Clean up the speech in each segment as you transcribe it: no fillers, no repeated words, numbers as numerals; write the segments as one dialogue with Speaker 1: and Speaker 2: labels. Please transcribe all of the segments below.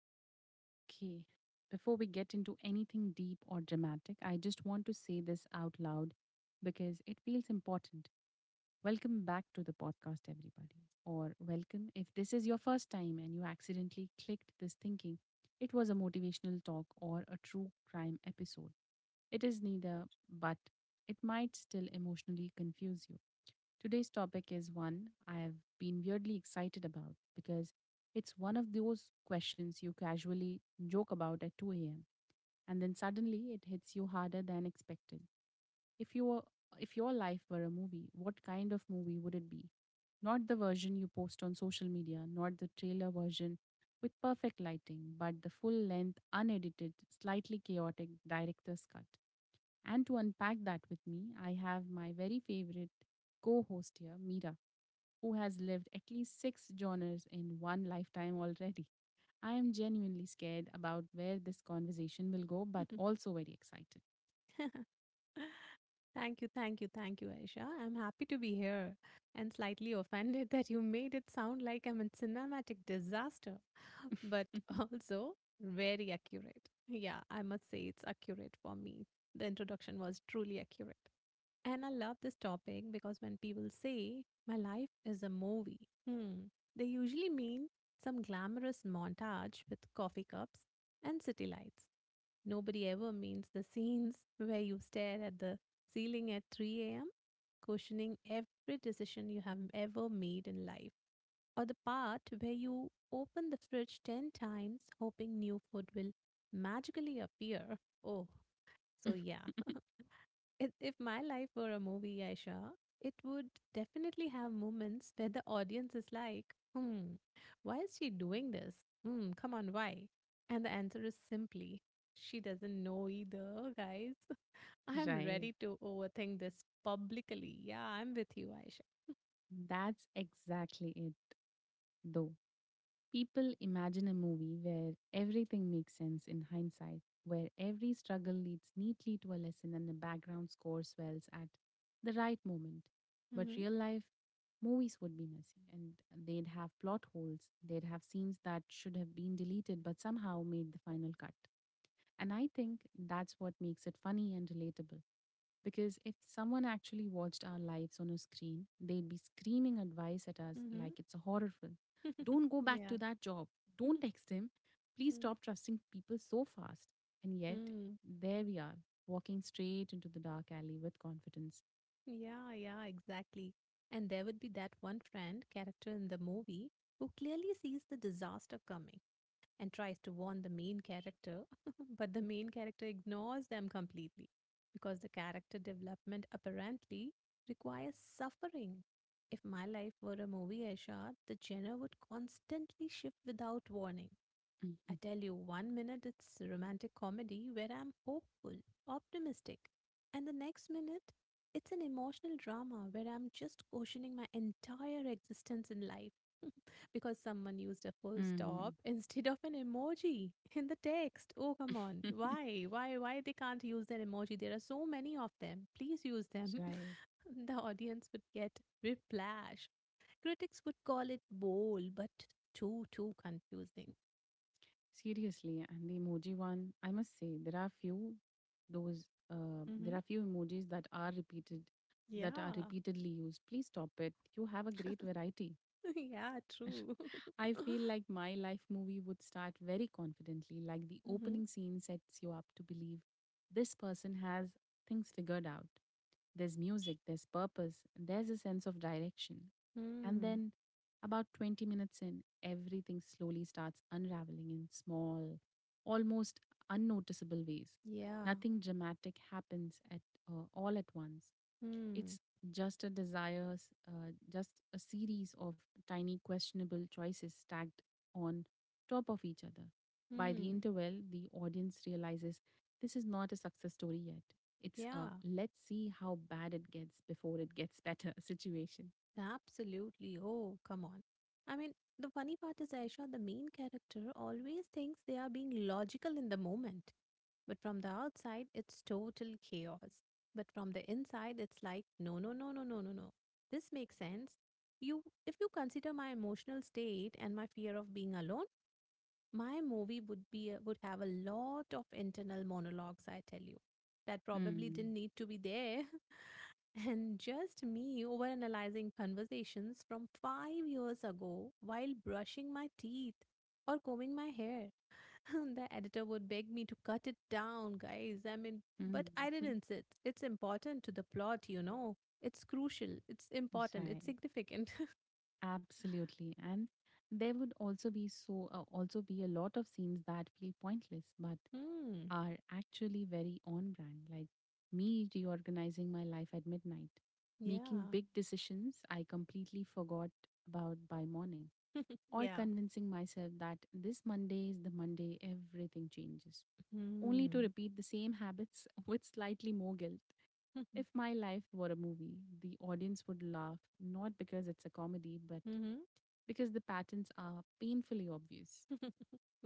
Speaker 1: Mira. Okay, before we get into anything deep or dramatic, I just want to say this out loud because it feels important. Welcome back to the podcast, everybody, or welcome if this is your first time and you accidentally clicked this thinking it was a motivational talk or a true crime episode. It is neither, but it might still emotionally confuse you. Today's topic is one I have been weirdly excited about because it's one of those questions you casually joke about at 2 a.m. and then suddenly it hits you harder than expected. If you were, if your life were a movie, what kind of movie would it be? Not the version you post on social media, not the trailer version with perfect lighting, but the full length, unedited, slightly chaotic director's cut. And to unpack that with me, I have my very favorite co host here, Mira, who has lived at least six genres in one lifetime already. I am genuinely scared about where this conversation will go, but also very excited.
Speaker 2: Thank you, thank you, thank you, Aisha. I'm happy to be here and slightly offended that you made it sound like I'm a cinematic disaster. But also very accurate. Yeah, I must say it's accurate for me. The introduction was truly accurate. And I love this topic because when people say, my life is a movie, they usually mean some glamorous montage with coffee cups and city lights. Nobody ever means the scenes where you stare at the ceiling at 3 a.m., questioning every decision you have ever made in life, or the part where you open the fridge 10 times hoping new food will magically appear. Oh, so yeah. If my life were a movie, Aisha, it would definitely have moments where the audience is like, hmm, why is she doing this? Hmm, come on, why? And the answer is simply, she doesn't know either, guys. I'm
Speaker 1: Right.
Speaker 2: ready to overthink this publicly. Yeah, I'm with you, Aisha.
Speaker 1: That's exactly it, though. People imagine a movie where everything makes sense in hindsight, where every struggle leads neatly to a lesson and the background score swells at the right moment. But
Speaker 2: Mm-hmm.
Speaker 1: real life movies would be messy and they'd have plot holes, they'd have scenes that should have been deleted but somehow made the final cut. And I think that's what makes it funny and relatable. Because if someone actually watched our lives on a screen, they'd be screaming advice at us
Speaker 2: Mm-hmm.
Speaker 1: like it's a horror film. Don't go back
Speaker 2: Yeah.
Speaker 1: to that job. Don't text him. Please stop trusting people so fast. And yet,
Speaker 2: Mm.
Speaker 1: there we are, walking straight into the dark alley with confidence.
Speaker 2: Yeah, yeah, exactly. And there would be that one friend character in the movie who clearly sees the disaster coming and tries to warn the main character, but the main character ignores them completely because the character development apparently requires suffering. If my life were a movie, Aisha, the genre would constantly shift without warning. I
Speaker 1: Mhm.
Speaker 2: tell you, one minute it's romantic comedy where I'm hopeful, optimistic, and the next minute it's an emotional drama where I'm just questioning my entire existence in life because someone used a full stop
Speaker 1: Mhm.
Speaker 2: instead of an emoji in the text. Oh, come on. Why? Why? Why they can't use that emoji? There are so many of them. Please use them.
Speaker 1: Right.
Speaker 2: The audience would get whiplash. Critics would call it bold, but too, too confusing.
Speaker 1: Seriously, and the emoji one, I must say those there
Speaker 2: Mm-hmm.
Speaker 1: are few emojis that are
Speaker 2: Yeah.
Speaker 1: repeatedly used. Please stop it. You have a great variety.
Speaker 2: Yeah, true.
Speaker 1: I feel like my life movie would start very confidently, like the
Speaker 2: Mm-hmm.
Speaker 1: opening scene sets you up to believe this person has things figured out. There's music, there's purpose, there's a sense of direction. And
Speaker 2: Mm.
Speaker 1: then, about 20 minutes in, everything slowly starts unraveling in small, almost unnoticeable ways.
Speaker 2: Yeah.
Speaker 1: Nothing dramatic happens at all at once,
Speaker 2: Mm.
Speaker 1: it's just a series of tiny questionable choices stacked on top of each other. By the
Speaker 2: Mm.
Speaker 1: interval, the audience realizes this is not a success story yet. It's a
Speaker 2: Yeah.
Speaker 1: let's see how bad it gets before it gets better situation.
Speaker 2: Absolutely. Oh, come on. I mean, the funny part is, Aisha, the main character always thinks they are being logical in the moment. But from the outside, it's total chaos. But from the inside, it's like, no, no, no, no, no, no, no. This makes sense. You, if you consider my emotional state and my fear of being alone, my movie would have a lot of internal monologues, I tell you, that probably
Speaker 1: Hmm.
Speaker 2: didn't need to be there. And just me overanalyzing conversations from 5 years ago while brushing my teeth or combing my hair. The editor would beg me to cut it down, guys. I mean,
Speaker 1: Hmm.
Speaker 2: but I didn't sit. It's important to the plot, it's crucial, it's important, it's
Speaker 1: Right.
Speaker 2: significant.
Speaker 1: Absolutely. And there would also be a lot of scenes that feel pointless but
Speaker 2: Hmm.
Speaker 1: are actually very on brand, like me reorganizing my life at midnight, making
Speaker 2: Yeah.
Speaker 1: big decisions I completely forgot about by morning, or
Speaker 2: Yeah.
Speaker 1: convincing myself that this Monday is the Monday everything changes, only to
Speaker 2: Hmm.
Speaker 1: repeat the same habits with slightly more guilt. If my life were a movie, the audience would laugh not because it's a comedy, but
Speaker 2: Mm-hmm.
Speaker 1: because the patterns are painfully obvious.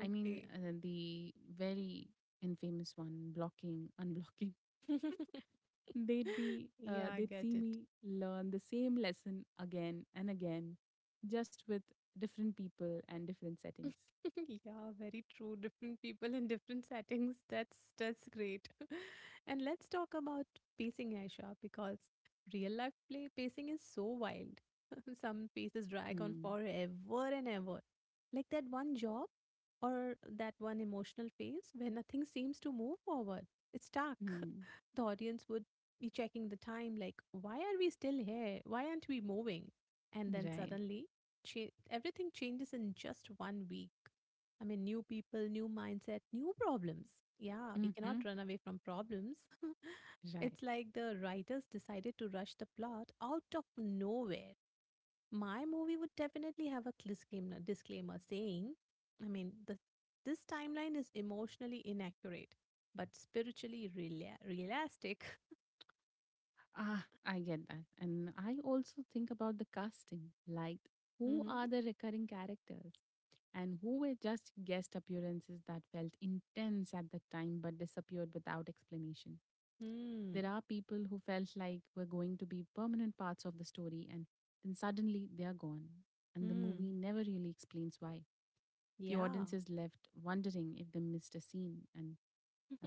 Speaker 1: I mean, the very infamous one, blocking, unblocking. They'd be, uh,
Speaker 2: Yeah, I
Speaker 1: they'd
Speaker 2: get
Speaker 1: see
Speaker 2: it.
Speaker 1: me learn the same lesson again and again, just with different people and different settings.
Speaker 2: Yeah, very true. Different people in different settings. That's great. And let's talk about pacing, Aisha, because real life play pacing is so wild. Some pieces drag on
Speaker 1: Hmm.
Speaker 2: forever and ever. Like that one job, or that one emotional phase where nothing seems to move forward. It's stuck.
Speaker 1: Hmm.
Speaker 2: The audience would be checking the time, like, why are we still here? Why aren't we moving? And then
Speaker 1: Right.
Speaker 2: suddenly, everything changes in just one week. I mean, new people, new mindset, new problems. Yeah, we
Speaker 1: Mm-hmm.
Speaker 2: cannot run away from problems.
Speaker 1: Right.
Speaker 2: It's like the writers decided to rush the plot out of nowhere. My movie would definitely have a disclaimer saying, I mean, this timeline is emotionally inaccurate, but spiritually realistic.
Speaker 1: Ah, I get that. And I also think about the casting. Like, who
Speaker 2: Hmm.
Speaker 1: are the recurring characters, and who were just guest appearances that felt intense at the time but disappeared without explanation? There
Speaker 2: Hmm.
Speaker 1: are people who felt like were going to be permanent parts of the story and then suddenly they are gone. And the movie
Speaker 2: Hmm.
Speaker 1: never really explains why. The
Speaker 2: Yeah.
Speaker 1: audience is left wondering if they missed a scene.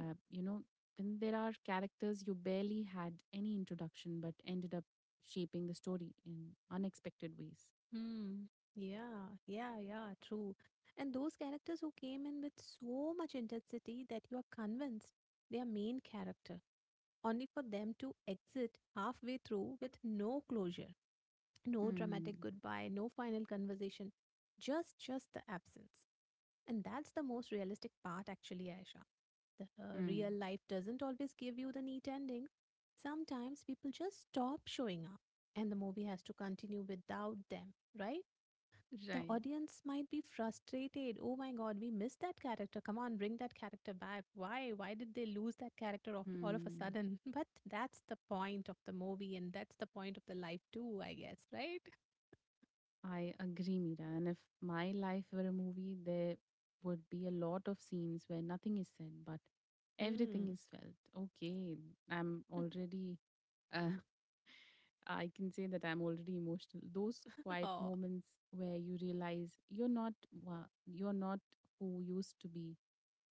Speaker 1: uh, you know, then there are characters you barely had any introduction but ended up shaping the story in unexpected ways.
Speaker 2: Hmm. Yeah, yeah, yeah, true. And those characters who came in with so much intensity that you are convinced they are main character, only for them to exit halfway through with no closure, no
Speaker 1: Hmm.
Speaker 2: dramatic goodbye, no final conversation, just the absence. And that's the most realistic part, actually, Aisha. The real
Speaker 1: Hmm.
Speaker 2: life doesn't always give you the neat ending. Sometimes people just stop showing up, and the movie has to continue without them, right? The
Speaker 1: Right.
Speaker 2: audience might be frustrated. Oh my god, we missed that character. Come on, bring that character back. Why? Why did they lose that character of, all of a
Speaker 1: Hmm.
Speaker 2: sudden? But that's the point of the movie, and that's the point of the life too, I guess, right?
Speaker 1: I agree, Mira. And if my life were a movie, there would be a lot of scenes where nothing is said, but everything
Speaker 2: Hmm.
Speaker 1: is felt. Okay, I'm already, uh, I can say that I'm already emotional. Those quiet
Speaker 2: Oh,
Speaker 1: moments where you realize you're not who you used to be,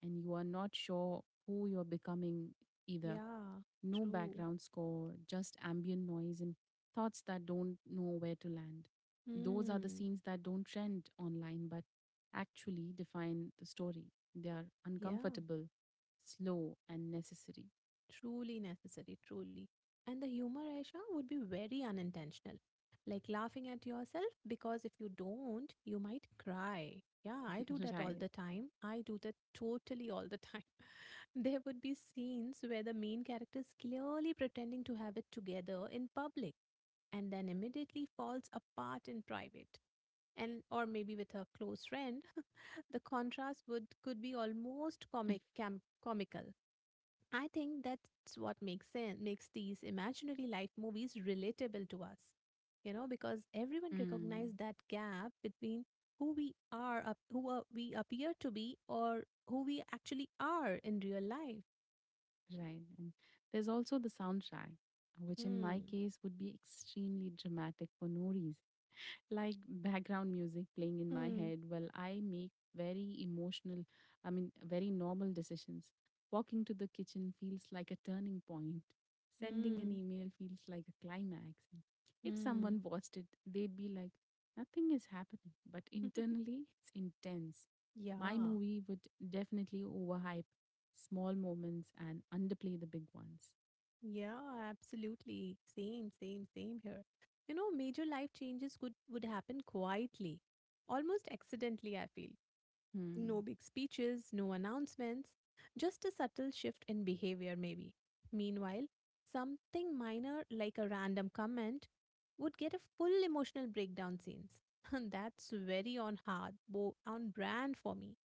Speaker 1: and you are not sure who you're becoming either.
Speaker 2: yeah,
Speaker 1: No
Speaker 2: true.
Speaker 1: background score, just ambient noise and thoughts that don't know where to land. Those are the
Speaker 2: Hmm.
Speaker 1: scenes that don't trend online but actually define the story. They are
Speaker 2: Yeah.
Speaker 1: uncomfortable, slow, and necessary.
Speaker 2: Truly necessary, truly. And the humor, Aisha, would be very unintentional. Like laughing at yourself, because if you don't, you might cry. Yeah, I do that all
Speaker 1: Right.
Speaker 2: the time. I do that totally all the time. There would be scenes where the main character is clearly pretending to have it together in public and then immediately falls apart in private, and or maybe with her close friend. The contrast would could be almost comical. I think that's what makes sense, makes these imaginary life movies relatable to us. You know, because everyone
Speaker 1: Mm,
Speaker 2: recognizes that gap between who we are, who we appear to be, or who we actually are in real life.
Speaker 1: right. And there's also the soundtrack, which in my
Speaker 2: Hmm.
Speaker 1: case would be extremely dramatic for no reason. Like background music playing in my
Speaker 2: Hmm.
Speaker 1: head while I make very emotional, I mean, very normal decisions. Walking to the kitchen feels like a turning point. Sending an
Speaker 2: Hmm.
Speaker 1: email feels like a climax. If
Speaker 2: Hmm.
Speaker 1: someone watched it, they'd be like, nothing is happening, but internally, it's intense. My
Speaker 2: Yeah,
Speaker 1: movie would definitely overhype small moments and underplay the big ones.
Speaker 2: yeah, absolutely. Same, same, same here. You know, major life changes could would happen quietly, almost accidentally, I feel. No
Speaker 1: Hmm.
Speaker 2: big speeches, no announcements, just a subtle shift in behavior, maybe. Meanwhile, something minor like a random comment would get a full emotional breakdown scenes. That's very on hard, on brand for me.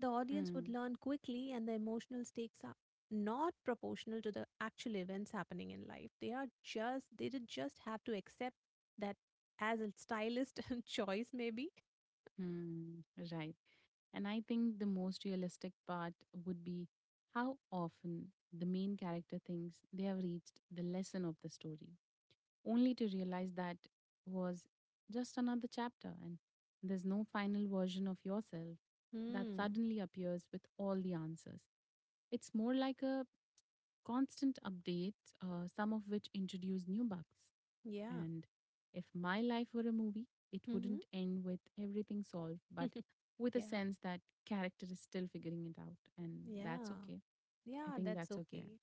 Speaker 2: The audience would
Speaker 1: Hmm.
Speaker 2: learn quickly, and the emotional stakes are not proportional to the actual events happening in life. They are just, they did just have to accept that as a stylist choice, maybe.
Speaker 1: Hmm. Right. And I think the most realistic part would be how often the main character thinks they have reached the lesson of the story, only to realize that was just another chapter and there's no final version of yourself that
Speaker 2: Hmm.
Speaker 1: suddenly appears with all the answers. It's more like a constant update, some of which introduce new bugs,
Speaker 2: Yeah.
Speaker 1: and if my life were a movie, it
Speaker 2: Hmm.
Speaker 1: wouldn't end with everything solved, but with a
Speaker 2: Yeah,
Speaker 1: sense that character is still figuring it out. And that's
Speaker 2: yeah,
Speaker 1: okay. I
Speaker 2: yeah,
Speaker 1: think
Speaker 2: that's
Speaker 1: that's okay.
Speaker 2: okay.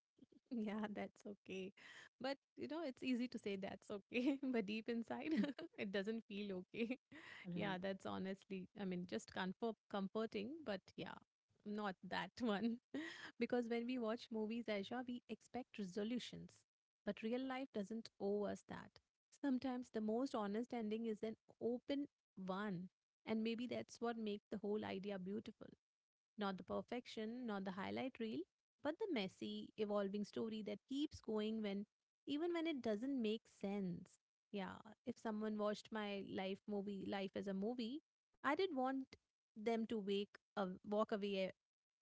Speaker 2: Yeah, that's okay. But you know, it's easy to say that's okay, but deep inside,
Speaker 1: Mm.
Speaker 2: it doesn't feel okay. Yeah,
Speaker 1: Right.
Speaker 2: that's honestly, I mean, just comforting, but yeah, not that one. Because when we watch movies, Aisha, we expect resolutions, but real life doesn't owe us that. Sometimes the most honest ending is an open one, and maybe that's what makes the whole idea beautiful. Not the perfection, not the highlight reel, but the messy, evolving story that keeps going when even when it doesn't make sense. Yeah, if someone watched life as a movie, I did want them to wake walk away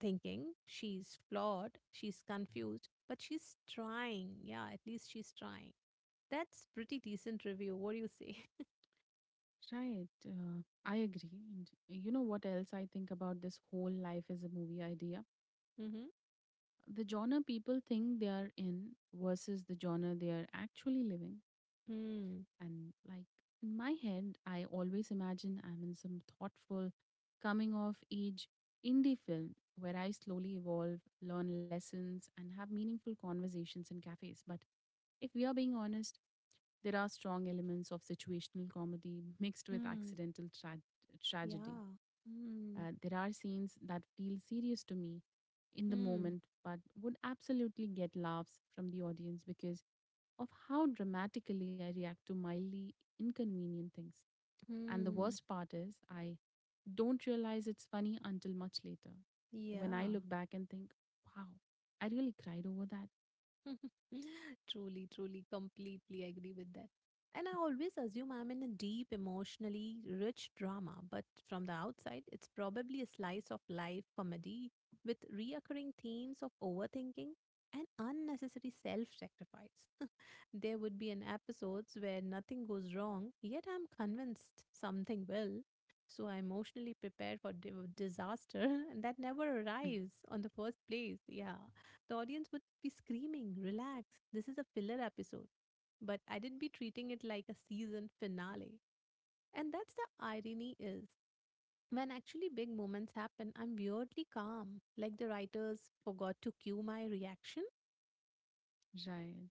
Speaker 2: thinking she's flawed, she's confused, but she's trying. Yeah, at least she's trying. That's pretty decent review. What do you say?
Speaker 1: Right. I agree. And you know what else I think about this whole life as a movie idea?
Speaker 2: Mm-hmm.
Speaker 1: The genre people think they are in versus the genre they are actually living.
Speaker 2: Hmm.
Speaker 1: And like in my head, I always imagine I'm in some thoughtful, coming of age indie film where I slowly evolve, learn lessons, and have meaningful conversations in cafes. But if we are being honest, there are strong elements of situational comedy mixed with
Speaker 2: Hmm.
Speaker 1: accidental tragedy.
Speaker 2: Yeah. Hmm.
Speaker 1: There are scenes that feel serious to me in the
Speaker 2: Hmm.
Speaker 1: moment, but would absolutely get laughs from the audience because of how dramatically I react to mildly inconvenient things. And the
Speaker 2: Hmm.
Speaker 1: worst part is, I don't realize it's funny until much later when I
Speaker 2: Yeah.
Speaker 1: look back and think, wow, I really cried over that.
Speaker 2: Truly, truly, completely agree with that. And I always assume I'm in a deep, emotionally rich drama, but from the outside, it's probably a slice of life comedy with reoccurring themes of overthinking and unnecessary self sacrifice. There would be an episodes where nothing goes wrong, yet I'm convinced something will. So I emotionally prepare for disaster, and that never arrives on the first place. Yeah. The audience would be screaming, relax, this is a filler episode. But I did be treating it like a season finale. And that's the irony is, when actually big moments happen, I'm weirdly calm, like the writers forgot to cue my reaction.
Speaker 1: Right.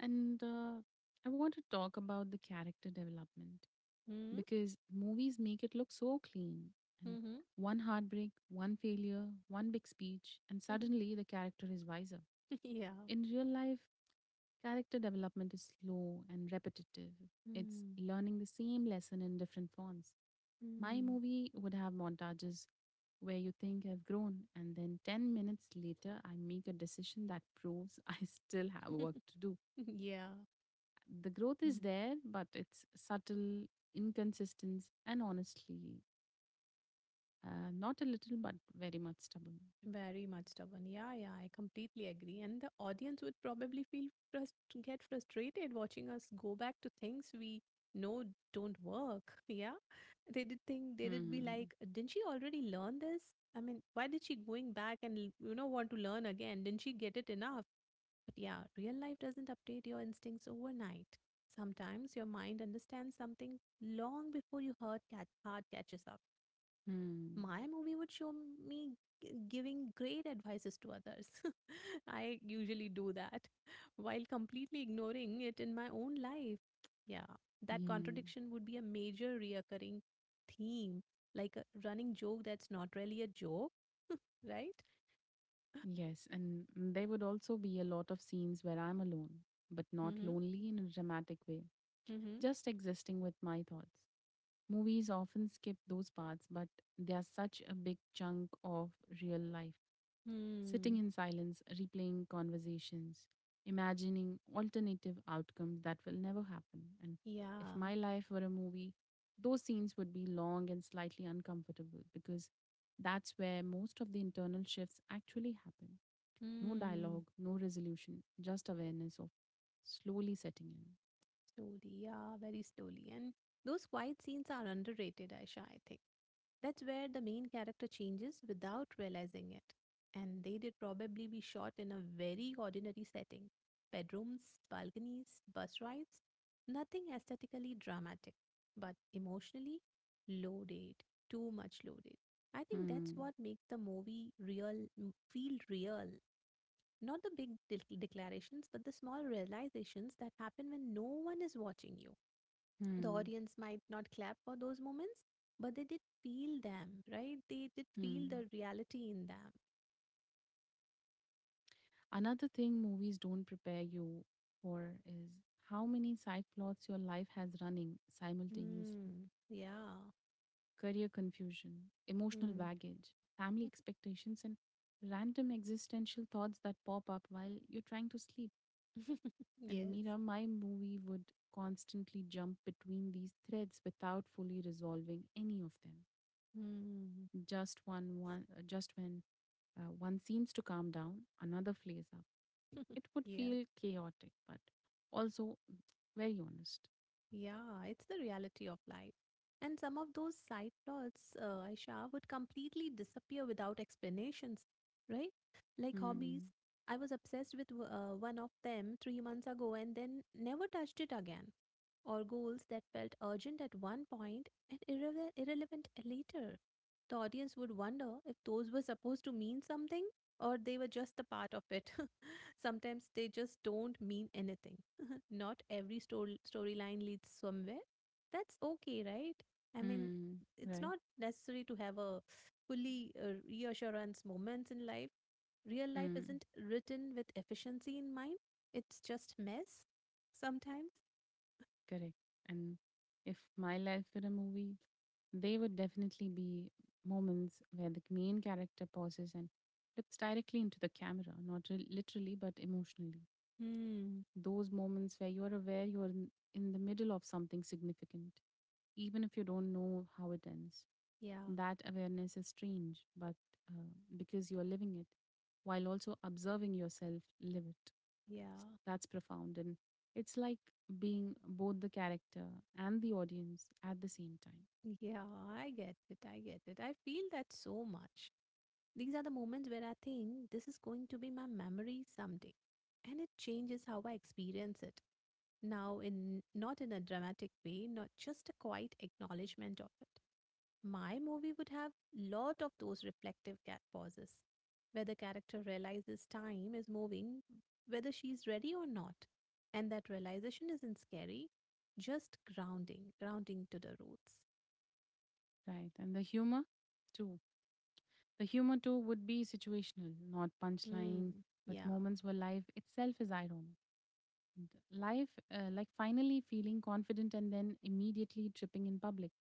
Speaker 1: And I want to talk about the character development
Speaker 2: Hmm?
Speaker 1: because movies make it look so clean. And
Speaker 2: Mm-hmm.
Speaker 1: one heartbreak, one failure, one big speech, and suddenly the character is wiser.
Speaker 2: Yeah.
Speaker 1: In real life, character development is slow and repetitive. It's
Speaker 2: Mm-hmm.
Speaker 1: learning the same lesson in different forms. My movie would have montages where you think I've grown, and then 10 minutes later, I make a decision that proves I still have work to do.
Speaker 2: Yeah.
Speaker 1: The growth
Speaker 2: Mm. Hmm.
Speaker 1: is
Speaker 2: Yeah.
Speaker 1: there, but it's subtle, inconsistent, and honestly, not a little, but very much stubborn.
Speaker 2: Very much stubborn. Yeah, yeah, I completely agree. And the audience would probably feel frust get frustrated watching us go back to things we know don't work. Yeah, they did think they did be
Speaker 1: Mm.
Speaker 2: like, didn't she already learn this? I mean, why did she going back and want to learn again? Didn't she get it enough? But yeah, real life doesn't update your instincts overnight. Sometimes your mind understands something long before your heart catches up.
Speaker 1: Mm.
Speaker 2: My movie would show me giving great advices to others. I usually do that while completely ignoring it in my own life. Yeah, that
Speaker 1: Mm.
Speaker 2: contradiction would be a major reoccurring theme, like a running joke that's not really a joke, right?
Speaker 1: Yes, and there would also be a lot of scenes where I'm alone, but not
Speaker 2: Mm-hmm.
Speaker 1: lonely in a dramatic way,
Speaker 2: Mm-hmm.
Speaker 1: just existing with my thoughts. Movies often skip those parts, but they are such a big chunk of real life. Sitting
Speaker 2: Hmm.
Speaker 1: in silence, replaying conversations, imagining alternative outcomes that will never happen. And if
Speaker 2: Yeah.
Speaker 1: my life were a movie, those scenes would be long and slightly uncomfortable because that's where most of the internal shifts actually happen. No
Speaker 2: Hmm.
Speaker 1: dialogue, no resolution, just awareness of slowly setting
Speaker 2: Slowly. Yeah, very slowly. And those quiet scenes are underrated, Aisha, I think. That's where the main character changes without realizing it. And they did probably be shot in a very ordinary setting: bedrooms, balconies, bus rides. Nothing aesthetically dramatic, but emotionally loaded, too much loaded. I think that's
Speaker 1: in.
Speaker 2: what makes the movie feel real. Not the big declarations, but the small realizations that happen when no one is watching you.
Speaker 1: Hmm,
Speaker 2: The
Speaker 1: hmm,
Speaker 2: audience might not clap for those moments, but they did feel them, right? They did feel
Speaker 1: hmm.
Speaker 2: the reality in them.
Speaker 1: Another thing movies don't prepare you for is how many side plots your life has running simultaneously.
Speaker 2: Hmm. Yeah.
Speaker 1: Career confusion, emotional
Speaker 2: Hmm.
Speaker 1: baggage, family expectations, and random existential thoughts that pop up while you're trying to sleep. And
Speaker 2: Yes.
Speaker 1: Mira, my movie would constantly jump between these threads without fully resolving any of them.
Speaker 2: Hmm.
Speaker 1: Just when one seems to calm down, another flares up. It would
Speaker 2: Yeah.
Speaker 1: feel chaotic, but also very honest.
Speaker 2: Yeah. It's the reality of life. And some of those side plots, Aisha, would completely disappear without explanations, right? Like hobbies.
Speaker 1: Hmm.
Speaker 2: I was obsessed with one of them 3 months ago and then never touched it again. Or goals that felt urgent at one point and irrelevant later. The audience would wonder if those were supposed to mean something or they were just a part of it. Sometimes they just don't mean anything. Not every storyline leads somewhere. That's okay, right? I mean,
Speaker 1: Hmm.
Speaker 2: it's
Speaker 1: Right.
Speaker 2: not necessary to have a fully reassurance moments in life. Real life
Speaker 1: Hmm.
Speaker 2: isn't written with efficiency in mind. It's just mess sometimes.
Speaker 1: Correct. And if my life were a movie, there would definitely be moments where the main character pauses and looks directly into the camera, not literally, but emotionally.
Speaker 2: Hmm.
Speaker 1: Those moments where you are aware you are in the middle of something significant, even if you don't know how it ends.
Speaker 2: Yeah,
Speaker 1: That awareness is strange, but uh, because you are living it, while also observing yourself live it.
Speaker 2: yeah,
Speaker 1: That's profound. And it's like being both the character and the audience at the same time,
Speaker 2: yeah. I get it. I get it. I feel that so much. These are the moments where I think this is going to be my memory someday. And it changes how I experience it. Now, in not in a dramatic way, not just a quiet acknowledgement of it. My movie would have lot of those reflective cat pauses, where the character realizes time is moving, whether she's ready or not. And that realization isn't scary, just grounding, grounding to the roots.
Speaker 1: right? And the humor, too. The humor, too, would be situational, not
Speaker 2: Hmm.
Speaker 1: punchlines, but
Speaker 2: Yeah.
Speaker 1: moments where life itself is ironic. And Life, like finally feeling confident and then immediately tripping in public,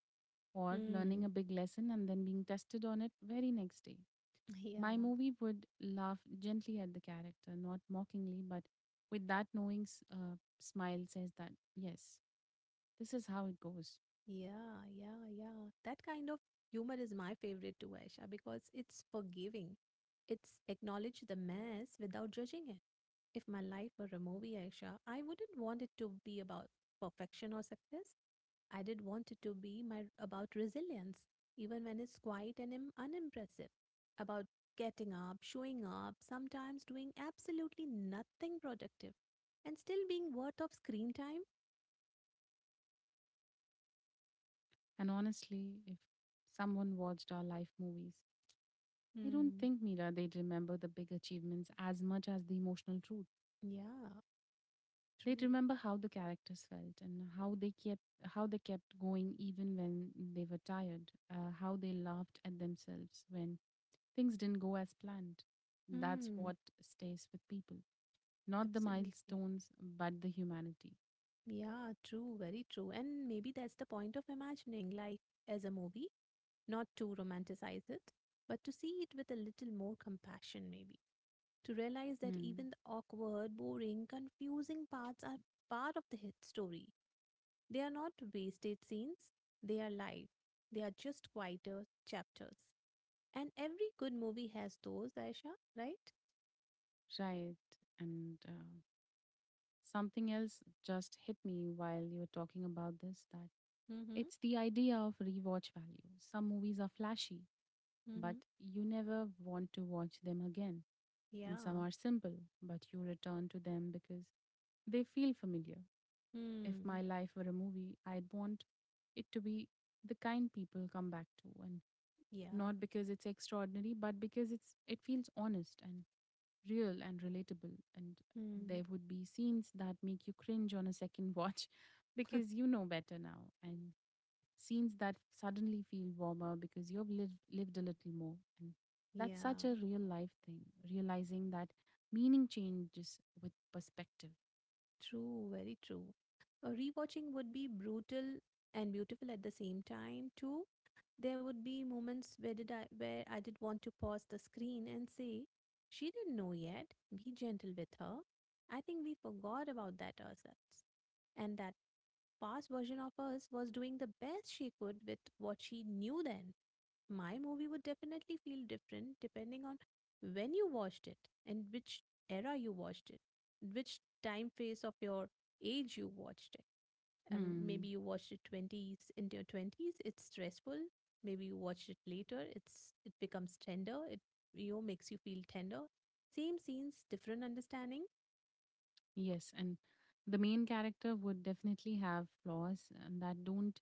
Speaker 1: or learning a
Speaker 2: Hmm.
Speaker 1: big lesson and then being tested on it very next day. My
Speaker 2: Yeah.
Speaker 1: movie would laugh gently at the character, not mockingly, but with that knowing smile says that, yes, this is how it goes.
Speaker 2: Yeah. Yeah. Yeah. That kind of humor is my favorite too, Aisha, because it's forgiving. It's acknowledge the mess without judging it. If my life were a movie, Aisha, I wouldn't want it to be about perfection or success. I did want it to be my about resilience, even when it's quiet and unimpressive. About getting up, showing up, sometimes doing absolutely nothing productive, and still being worth of screen time.
Speaker 1: And honestly, if someone watched our life movies, I don't
Speaker 2: Hmm.
Speaker 1: think, Mira, they'd remember the big achievements as much as the emotional truth.
Speaker 2: Yeah.
Speaker 1: They'd
Speaker 2: True.
Speaker 1: remember how the characters felt and how they kept going even when they were tired, how they laughed at themselves when things didn't go as planned. That's
Speaker 2: Hmm.
Speaker 1: what stays with people. Not the
Speaker 2: Absolutely.
Speaker 1: milestones, but the humanity.
Speaker 2: Yeah. True. Very true. And maybe that's the point of imagining life as a movie, not to romanticize it, but to see it with a little more compassion, maybe. To realize that
Speaker 1: Mm,
Speaker 2: even the awkward, boring, confusing parts are part of the hit story. They are not wasted scenes, they are live. They are just quieter chapters. And every good movie has those, Aisha, right?
Speaker 1: right. And something else just hit me while you were talking about this, that
Speaker 2: Mm hmm.
Speaker 1: it's the idea of rewatch value. Some movies are flashy,
Speaker 2: Mm hmm.
Speaker 1: but you never want to watch them again. And some
Speaker 2: Yeah.
Speaker 1: are simple, but you return to them because they feel familiar. If my
Speaker 2: Hmm.
Speaker 1: life were a movie, I'd want it to be the kind people come back to, and
Speaker 2: Yeah.
Speaker 1: not because it's extraordinary but because it feels honest and real and relatable. And
Speaker 2: Hmm.
Speaker 1: there would be scenes that make you cringe on a second watch because you know better now, and scenes that suddenly feel warmer because you've lived a little more. And that's such
Speaker 2: Yeah.
Speaker 1: a real life thing, realizing that meaning changes with perspective.
Speaker 2: True, very true. Rewatching would be brutal and beautiful at the same time, too. There would be moments where did I where I did want to pause the screen and say, "She didn't know yet. Be gentle with her." I think we forgot about that ourselves, and that past version of us was doing the best she could with what she knew then. My movie would definitely feel different depending on when you watched it and which era you watched it, which time phase of your age you watched it. Maybe
Speaker 1: Hmm.
Speaker 2: you watched it 20s into your 20s, it's stressful. Maybe you watched it later, it becomes tender. It, you know, makes you feel tender. Same scenes, different understanding.
Speaker 1: Yes, and the main character would definitely have flaws, and that don't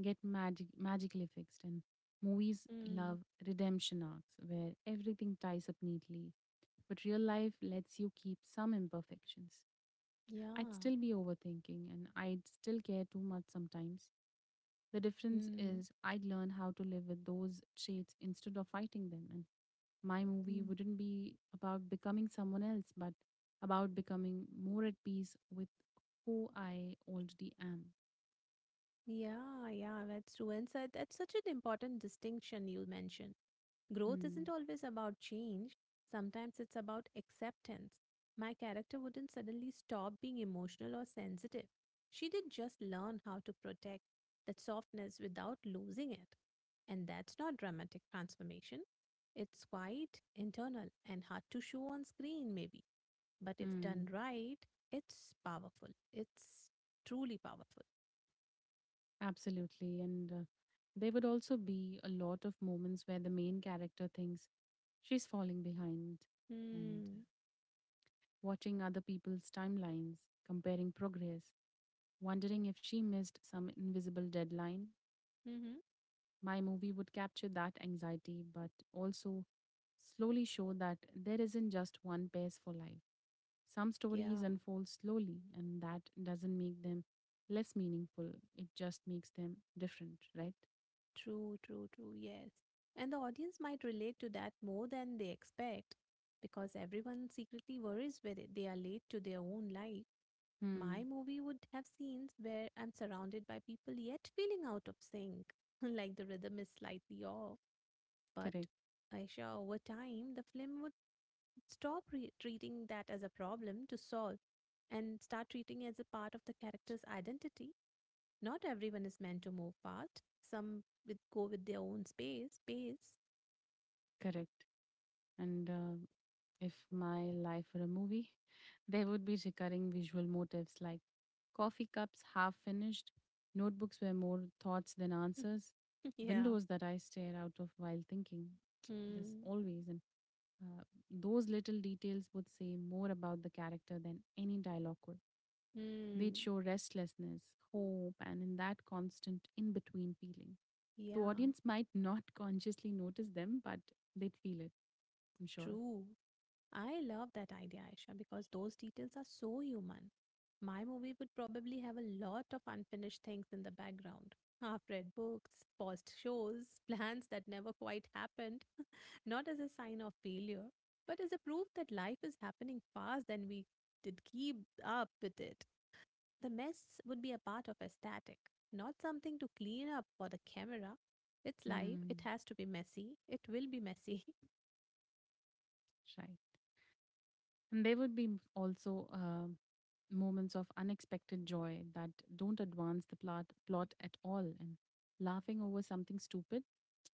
Speaker 1: get magically fixed. And movies
Speaker 2: Mm,
Speaker 1: love redemption arcs where everything ties up neatly, but real life lets you keep some imperfections. I'd
Speaker 2: yeah.
Speaker 1: still be overthinking, and I'd still care too much sometimes. The difference
Speaker 2: Mm,
Speaker 1: is I'd learn how to live with those traits instead of fighting them. And my movie
Speaker 2: mm.
Speaker 1: wouldn't be about becoming someone else, but about becoming more at peace with who I already am.
Speaker 2: Yeah, yeah, that's true. And so that's such an important distinction you mentioned. Growth
Speaker 1: Hmm.
Speaker 2: isn't always about change, sometimes it's about acceptance. My character wouldn't suddenly stop being emotional or sensitive. She did just learn how to protect that softness without losing it. And that's not dramatic transformation. It's quite internal and hard to show on screen, maybe. But if
Speaker 1: Hmm.
Speaker 2: done right, it's powerful. It's truly powerful.
Speaker 1: Absolutely. And there would also be a lot of moments where the main character thinks she's falling behind and,
Speaker 2: Hmm.
Speaker 1: watching other people's timelines, comparing progress, wondering if she missed some invisible deadline.
Speaker 2: Mm-hmm.
Speaker 1: My movie would capture that anxiety, but also slowly show that there isn't just one pace for life. Some stories
Speaker 2: Yeah,
Speaker 1: unfold slowly, and that doesn't make them less meaningful. It just makes them different, right?
Speaker 2: true, true, true, yes. And the audience might relate to that more than they expect because everyone secretly worries whether they are late to their own life. My
Speaker 1: Hmm.
Speaker 2: movie would have scenes where I'm surrounded by people yet feeling out of sync, like the rhythm is slightly off. But
Speaker 1: Correct.
Speaker 2: Aisha, over time, the film would treating that as a problem to solve and start treating it as a part of the character's identity. Not everyone is meant to move fast. Some with go with their own space. Pace.
Speaker 1: Correct. And if my life were a movie, there would be recurring visual motifs like coffee cups half finished, notebooks where more thoughts than answers,
Speaker 2: Yeah.
Speaker 1: windows that I stare out of while thinking. This
Speaker 2: Hmm.
Speaker 1: always. And uh, those little details would say more about the character than any dialogue could. They'd
Speaker 2: Hmm.
Speaker 1: show restlessness, hope, and in that constant in between feeling. The
Speaker 2: Yeah.
Speaker 1: audience might not consciously notice them, but they'd feel it, I'm sure.
Speaker 2: True. I love that idea, Aisha, because those details are so human. My movie would probably have a lot of unfinished things in the background. Half read books, paused shows, plans that never quite happened, not as a sign of failure, but as a proof that life is happening fast and we did keep up with it. The mess would be a part of aesthetic, not something to clean up for the camera. It's live;
Speaker 1: Mm,
Speaker 2: it has to be messy. It will be messy.
Speaker 1: right. And there would be also moments of unexpected joy that don't advance the plot at all, and laughing over something stupid,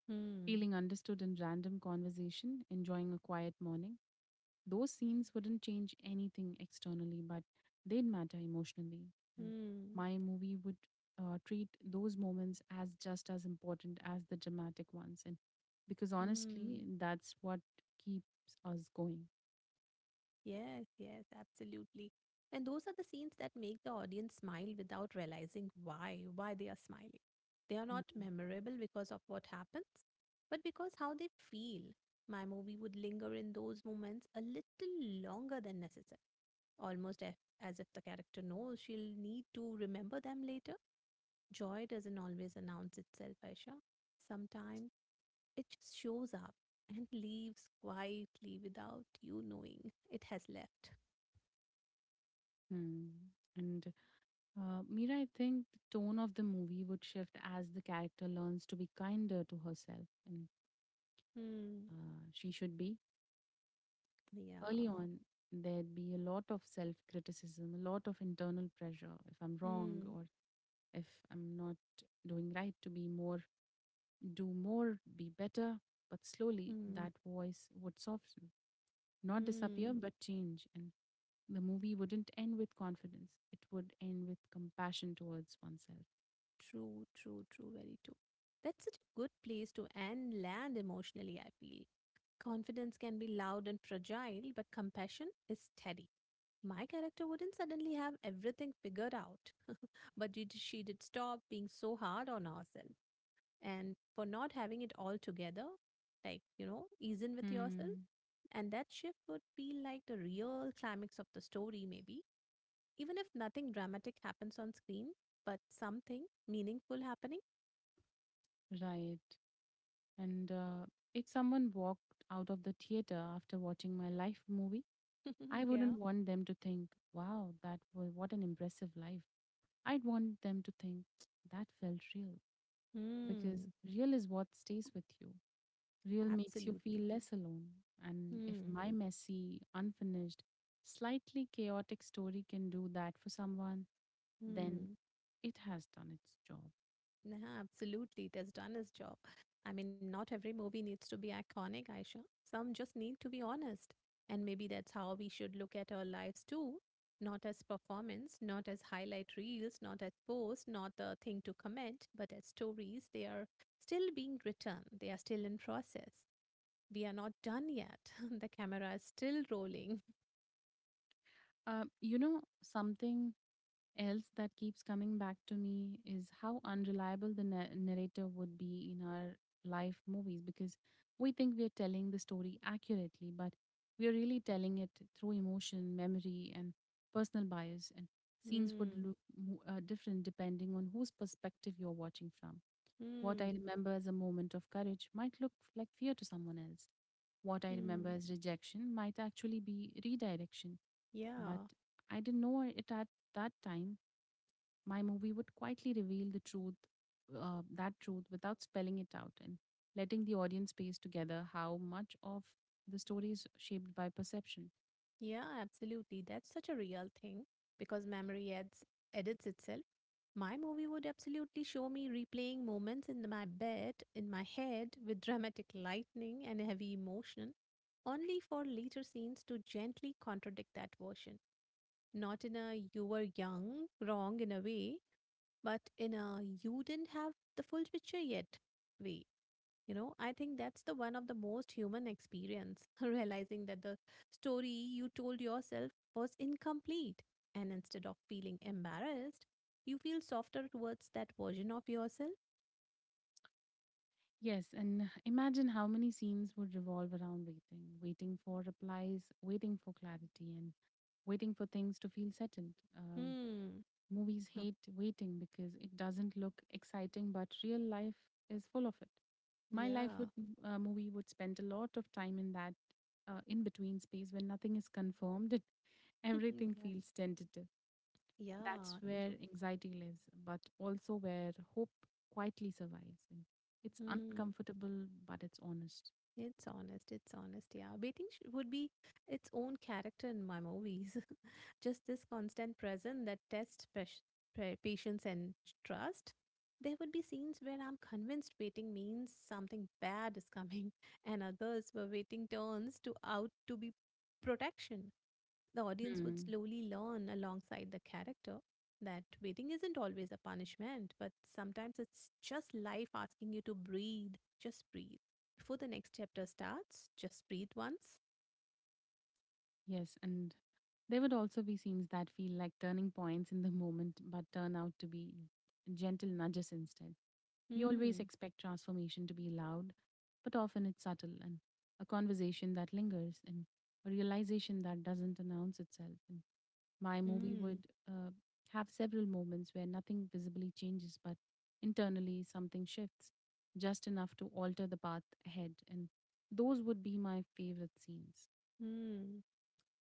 Speaker 2: Hmm.
Speaker 1: feeling understood in random conversation, enjoying a quiet morning. Those scenes wouldn't change anything externally, but they'd matter emotionally. And
Speaker 2: Hmm.
Speaker 1: my movie would treat those moments as just as important as the dramatic ones, and because
Speaker 2: Hmm.
Speaker 1: honestly, that's what keeps us going.
Speaker 2: Yes, yes, absolutely. And those are the scenes that make the audience smile without realizing why they are smiling. They are not
Speaker 1: Mm.
Speaker 2: memorable because of what happens, but because how they feel. My movie would linger in those moments a little longer than necessary. almost a- as if the character knows she'll need to remember them later. Joy doesn't always announce itself, Aisha. Sometimes it just shows up and leaves quietly without you knowing it has left.
Speaker 1: Hmm. And Mira, I think the tone of the movie would shift as the character learns to be kinder to herself, and
Speaker 2: Hmm.
Speaker 1: she should be. Early
Speaker 2: Yeah.
Speaker 1: on, there'd be a lot of self criticism, a lot of internal pressure. If I'm wrong,
Speaker 2: Hmm.
Speaker 1: or if I'm not doing right, to be more, do more, be better. But slowly,
Speaker 2: Hmm.
Speaker 1: that voice would soften, not
Speaker 2: Hmm.
Speaker 1: disappear, but change. And the movie wouldn't end with confidence, it would end with compassion towards oneself.
Speaker 2: True, true, true. Very true. That's such a good place to end land emotionally, I feel. Confidence can be loud and fragile, but compassion is steady. My character wouldn't suddenly have everything figured out, but she did stop being so hard on herself and for not having it all together, like, you know, ease in with yourself.
Speaker 1: Hmm.
Speaker 2: And that shift would feel like the real climax of the story, maybe, even if nothing dramatic happens on screen, but something meaningful happening.
Speaker 1: Right. And if someone walked out of the theater after watching my life movie, I
Speaker 2: Yeah.
Speaker 1: wouldn't want them to think, wow, that was what an impressive life. I'd want them to think that felt real, because
Speaker 2: Hmm.
Speaker 1: real is what stays with you. Real makes you
Speaker 2: Absolutely.
Speaker 1: feel less alone. And if
Speaker 2: Hmm.
Speaker 1: my messy, unfinished, slightly chaotic story can do that for someone, then
Speaker 2: Hmm.
Speaker 1: it has done its job.
Speaker 2: Yeah, absolutely. It has done its job. I mean, not every movie needs to be iconic, Aisha. Some just need to be honest. And maybe that's how we should look at our lives too. Not as performance, not as highlight reels, not as posts, not the thing to comment, but as stories. They are still being written, they are still in process. We are not done yet. The camera is still rolling.
Speaker 1: You know, something else that keeps coming back to me is how unreliable the narrator would be in our life movies, because we think we are telling the story accurately, but we are really telling it through emotion, memory, and personal bias. And scenes would
Speaker 2: Hmm,
Speaker 1: look different depending on whose perspective you're watching from. What I
Speaker 2: hmm,
Speaker 1: remember as a moment of courage might look like fear to someone else. What I
Speaker 2: hmm.
Speaker 1: remember as rejection might actually be redirection, but
Speaker 2: Yeah.
Speaker 1: I didn't know it at that time. My movie would quietly reveal the truth, that truth, without spelling it out, and letting the audience piece together how much of the story is shaped by perception.
Speaker 2: Yeah, absolutely. That's such a real thing because memory adds, edits itself. My movie would absolutely show me replaying moments in my bed, in my head, with dramatic lightning and heavy emotion, only for later scenes to gently contradict that version. Not in a you were young, wrong in a way, but in a you didn't have the full picture yet way. You know, I think that's the one of the most human experience. Realizing that the story you told yourself was incomplete, and instead of feeling embarrassed, you feel softer towards that version of yourself.
Speaker 1: Yes, and imagine how many scenes would revolve around waiting, waiting for replies, waiting for clarity, and waiting for things to feel settled.
Speaker 2: Hmm.
Speaker 1: Movies
Speaker 2: Oh,
Speaker 1: hate waiting because it doesn't look exciting, but real life is full of it. My life
Speaker 2: yeah.
Speaker 1: would, movie would spend a lot of time in that, in between space when nothing is confirmed and everything
Speaker 2: Yeah,
Speaker 1: feels tentative. That's
Speaker 2: yeah,
Speaker 1: where
Speaker 2: true.
Speaker 1: anxiety lives, but also where hope quietly survives. And it's
Speaker 2: Hmm.
Speaker 1: uncomfortable, but it's honest.
Speaker 2: It's honest. It's honest. Yeah. Would be its own character in my movies. Just this constant present that tests patience and trust. There would be scenes where I'm convinced waiting means something bad is coming, and others were waiting turns to out to be protection. The audience would
Speaker 1: Hmm.
Speaker 2: slowly learn alongside the character that waiting isn't always a punishment, but sometimes it's just life asking you to breathe. Just breathe. Before the next chapter starts, just breathe once.
Speaker 1: Yes, and there would also be scenes that feel like turning points in the moment but turn out to be gentle nudges instead. We always
Speaker 2: Hmm,
Speaker 1: expect transformation to be loud, but often it's subtle, and a conversation that lingers, and a realization that doesn't announce itself. And my movie
Speaker 2: hmm,
Speaker 1: would have several moments where nothing visibly changes, but internally something shifts just enough to alter the path ahead. And those would be my favorite scenes.
Speaker 2: hmm.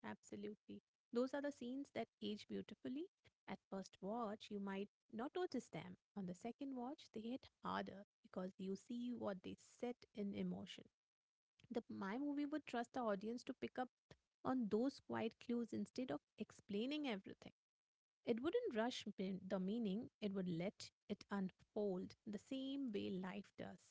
Speaker 2: Absolutely. Those are the scenes that age beautifully. At first watch, you might not notice them. On the second watch, they hit harder because you see what they set in emotion. The My movie would trust the audience to pick up on those quiet clues instead of explaining everything. It wouldn't the meaning, it would let it unfold the same way life does.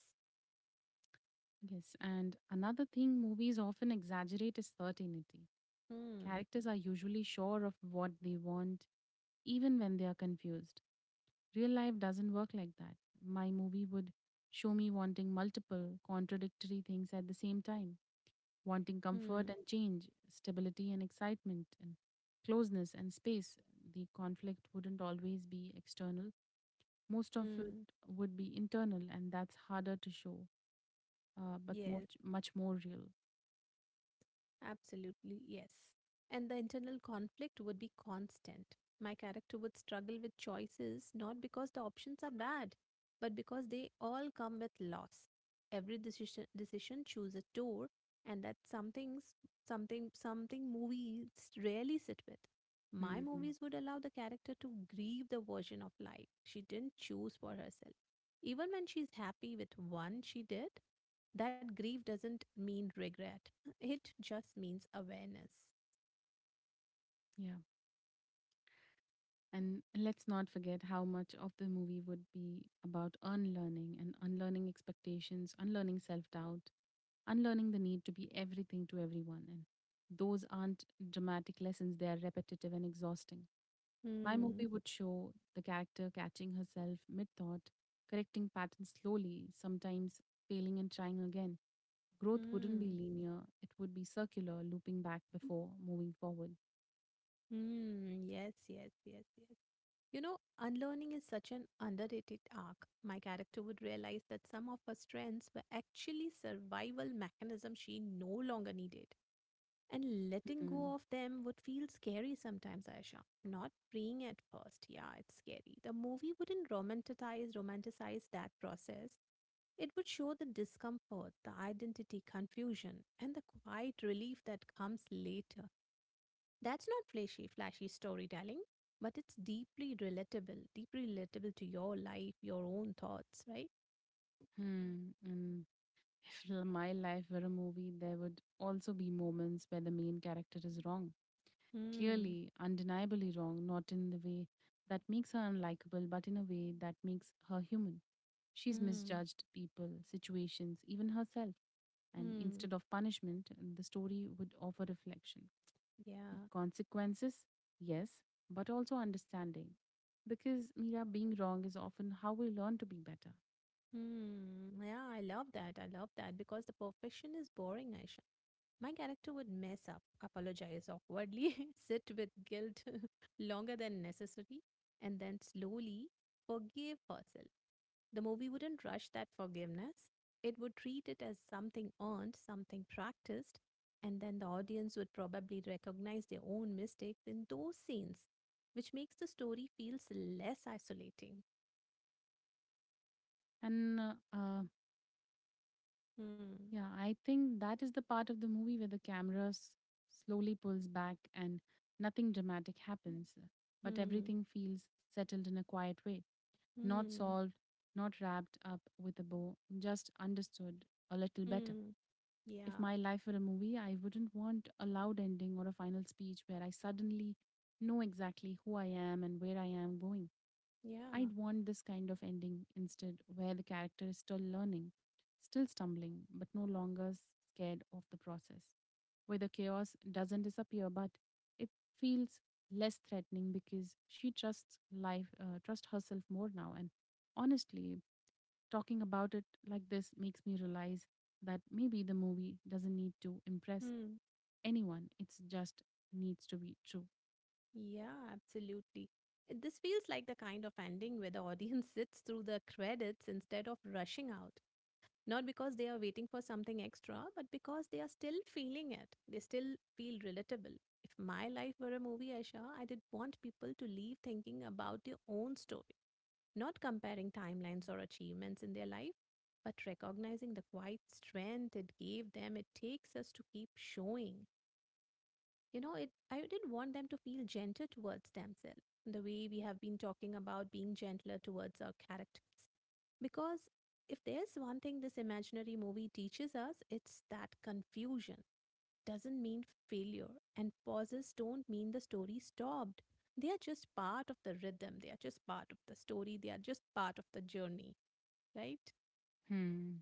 Speaker 1: Yes, and another thing movies often exaggerate is certainty.
Speaker 2: Hmm.
Speaker 1: Characters are usually sure of what they want, even when they are confused. Real life doesn't work like that. My movie would show me wanting multiple, contradictory things at the same time, wanting comfort
Speaker 2: Hmm.
Speaker 1: and change, stability and excitement, and closeness and space. The conflict wouldn't always be external, most of it
Speaker 2: Hmm.
Speaker 1: would be internal, and that's harder to show, but
Speaker 2: Yes.
Speaker 1: much, much more real.
Speaker 2: Absolutely, yes. And the internal conflict would be constant. My character would struggle with choices not because the options are bad, but because they all come with loss. Every decision choose a tour, and that's something movies rarely sit with. My
Speaker 1: Mm,
Speaker 2: movies would allow the character to grieve the version of life she didn't choose for herself. Even when she's happy with one she did, that grief doesn't mean regret, it just means awareness.
Speaker 1: yeah. And let's not forget how much of the movie would be about unlearning, and unlearning expectations, unlearning self doubt, unlearning the need to be everything to everyone. And those aren't dramatic lessons, they are repetitive and exhausting. My movie
Speaker 2: Hmm.
Speaker 1: would show the character catching herself mid thought, correcting patterns slowly, sometimes failing and trying again. Growth wouldn't be
Speaker 2: Hmm.
Speaker 1: linear, it would be circular, looping back before moving forward.
Speaker 2: Hmm. Yes, yes, yes, yes. You know, unlearning is such an underrated arc. My character would realize that some of her strengths were actually survival mechanisms she no longer needed. And letting go of them would feel scary sometimes, Aisha. Not freeing at first. Yeah, it's scary. The movie wouldn't romanticize that process. It would show the discomfort, the identity confusion, and the quiet relief that comes later. That's not flashy storytelling, but it's deeply relatable to your life, your own thoughts, right?
Speaker 1: Mm-hmm. If my life were a movie, there would also be moments where the main character is wrong.
Speaker 2: Hmm,
Speaker 1: Clearly, undeniably wrong, not in the way that makes her unlikable, but in a way that makes her human. She's
Speaker 2: hmm,
Speaker 1: misjudged people, situations, even herself. And
Speaker 2: hmm.
Speaker 1: instead of punishment, the story would offer reflection.
Speaker 2: Yeah.
Speaker 1: Consequences, yes, but also understanding. Because, Mira, being wrong is often how we learn to be better.
Speaker 2: Hmm. Yeah, I love that. I love that because the perfection is boring, Aisha. My character would mess up, apologize awkwardly, sit with guilt longer than necessary, and then slowly forgive herself. The movie wouldn't rush that forgiveness. It would treat it as something earned, something practiced, and then the audience would probably recognize their own mistakes in those scenes, which makes the story feels less isolating.
Speaker 1: And
Speaker 2: Hmm.
Speaker 1: yeah, I think that is the part of the movie where the camera slowly pulls back and nothing dramatic happens, but
Speaker 2: Hmm.
Speaker 1: everything feels settled in a quiet way. Not
Speaker 2: Hmm.
Speaker 1: solved, not wrapped up with a bow, just understood a little better.
Speaker 2: Mm,
Speaker 1: If
Speaker 2: yeah,
Speaker 1: my life were a movie, I wouldn't want a loud ending or a final speech where I suddenly know exactly who I am and where I am going.
Speaker 2: yeah.
Speaker 1: I'd want this kind of ending instead, where the character is still learning, still stumbling, but no longer scared of the process. Where the chaos doesn't disappear, but it feels less threatening because she trusts life, trust herself more now. And honestly, talking about it like this makes me realize that maybe the movie doesn't need to impress
Speaker 2: Mm,
Speaker 1: anyone. It's just needs to be true.
Speaker 2: yeah, absolutely. This feels like the kind of ending where the audience sits through the credits instead of rushing out. Not because they are waiting for something extra, but because they are still feeling it. They still feel relatable. If my life were a movie, Aisha, I'd want people to leave thinking about their own story, not comparing timelines or achievements in their life, but recognizing the quiet strength it gave them. It takes us to keep showing. You know, it, I did want them to feel gentle towards themselves the way we have been talking about being gentler towards our characters, because if there's one thing this imaginary movie teaches us, it's that confusion doesn't mean failure, and pauses don't mean the story stopped. They are just part of the rhythm, they are just part of the story, they are just part of the journey, right?
Speaker 1: Hmm.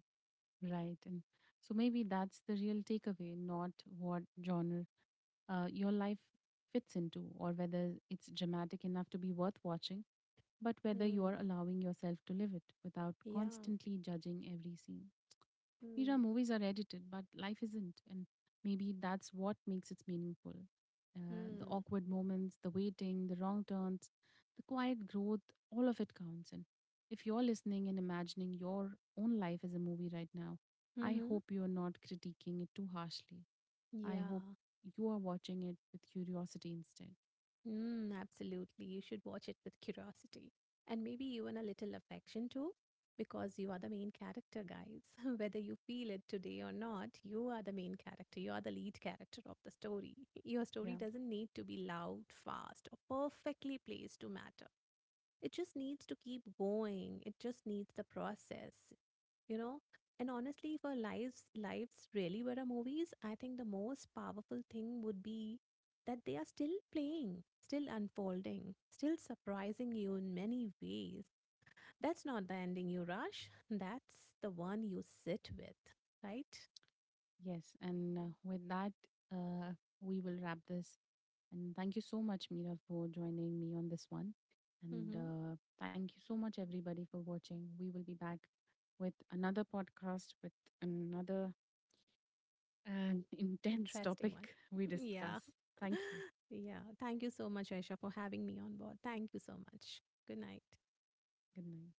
Speaker 1: Right. And so maybe that's the real takeaway, not what genre your life fits into, or whether it's dramatic enough to be worth watching, but whether you
Speaker 2: Hmm.
Speaker 1: are allowing yourself to live it without
Speaker 2: Yeah.
Speaker 1: constantly judging every scene. Mira,
Speaker 2: Hmm.
Speaker 1: movies are edited, but life isn't. And maybe that's what makes it meaningful. The
Speaker 2: Mm.
Speaker 1: awkward moments, the waiting, the wrong turns, the quiet growth, all of it counts. And if you're listening and imagining your own life as a movie right now, I
Speaker 2: Mm-hmm.
Speaker 1: hope you're not critiquing it too harshly. I hope
Speaker 2: Yeah.
Speaker 1: you are watching it with curiosity instead.
Speaker 2: Mm, absolutely. You should watch it with curiosity and maybe even a little affection too, because you are the main character, guys. Whether you feel it today or not, you are the main character. You are the lead character of the story. Your story
Speaker 1: Yeah.
Speaker 2: doesn't need to be loud, fast, or perfectly placed to matter. It just needs to keep going. It just needs the process, you know? And honestly, if our lives really were a movies, I think the most powerful thing would be that they are still playing, still unfolding, still surprising you in many ways. That's not the ending you rush. That's the one you sit with, right?
Speaker 1: Yes, and with that, uh, we will wrap this. And thank you so much, Mira, for joining me on this one. And
Speaker 2: Mm-hmm.
Speaker 1: thank you so much, everybody, for watching. We will be back with another podcast with another intense
Speaker 2: Interesting one.
Speaker 1: topic we
Speaker 2: Yeah.
Speaker 1: discuss. Thank you.
Speaker 2: Yeah. Thank you so much, Aisha, for having me on board. Thank you so much. Good night.
Speaker 1: Good night.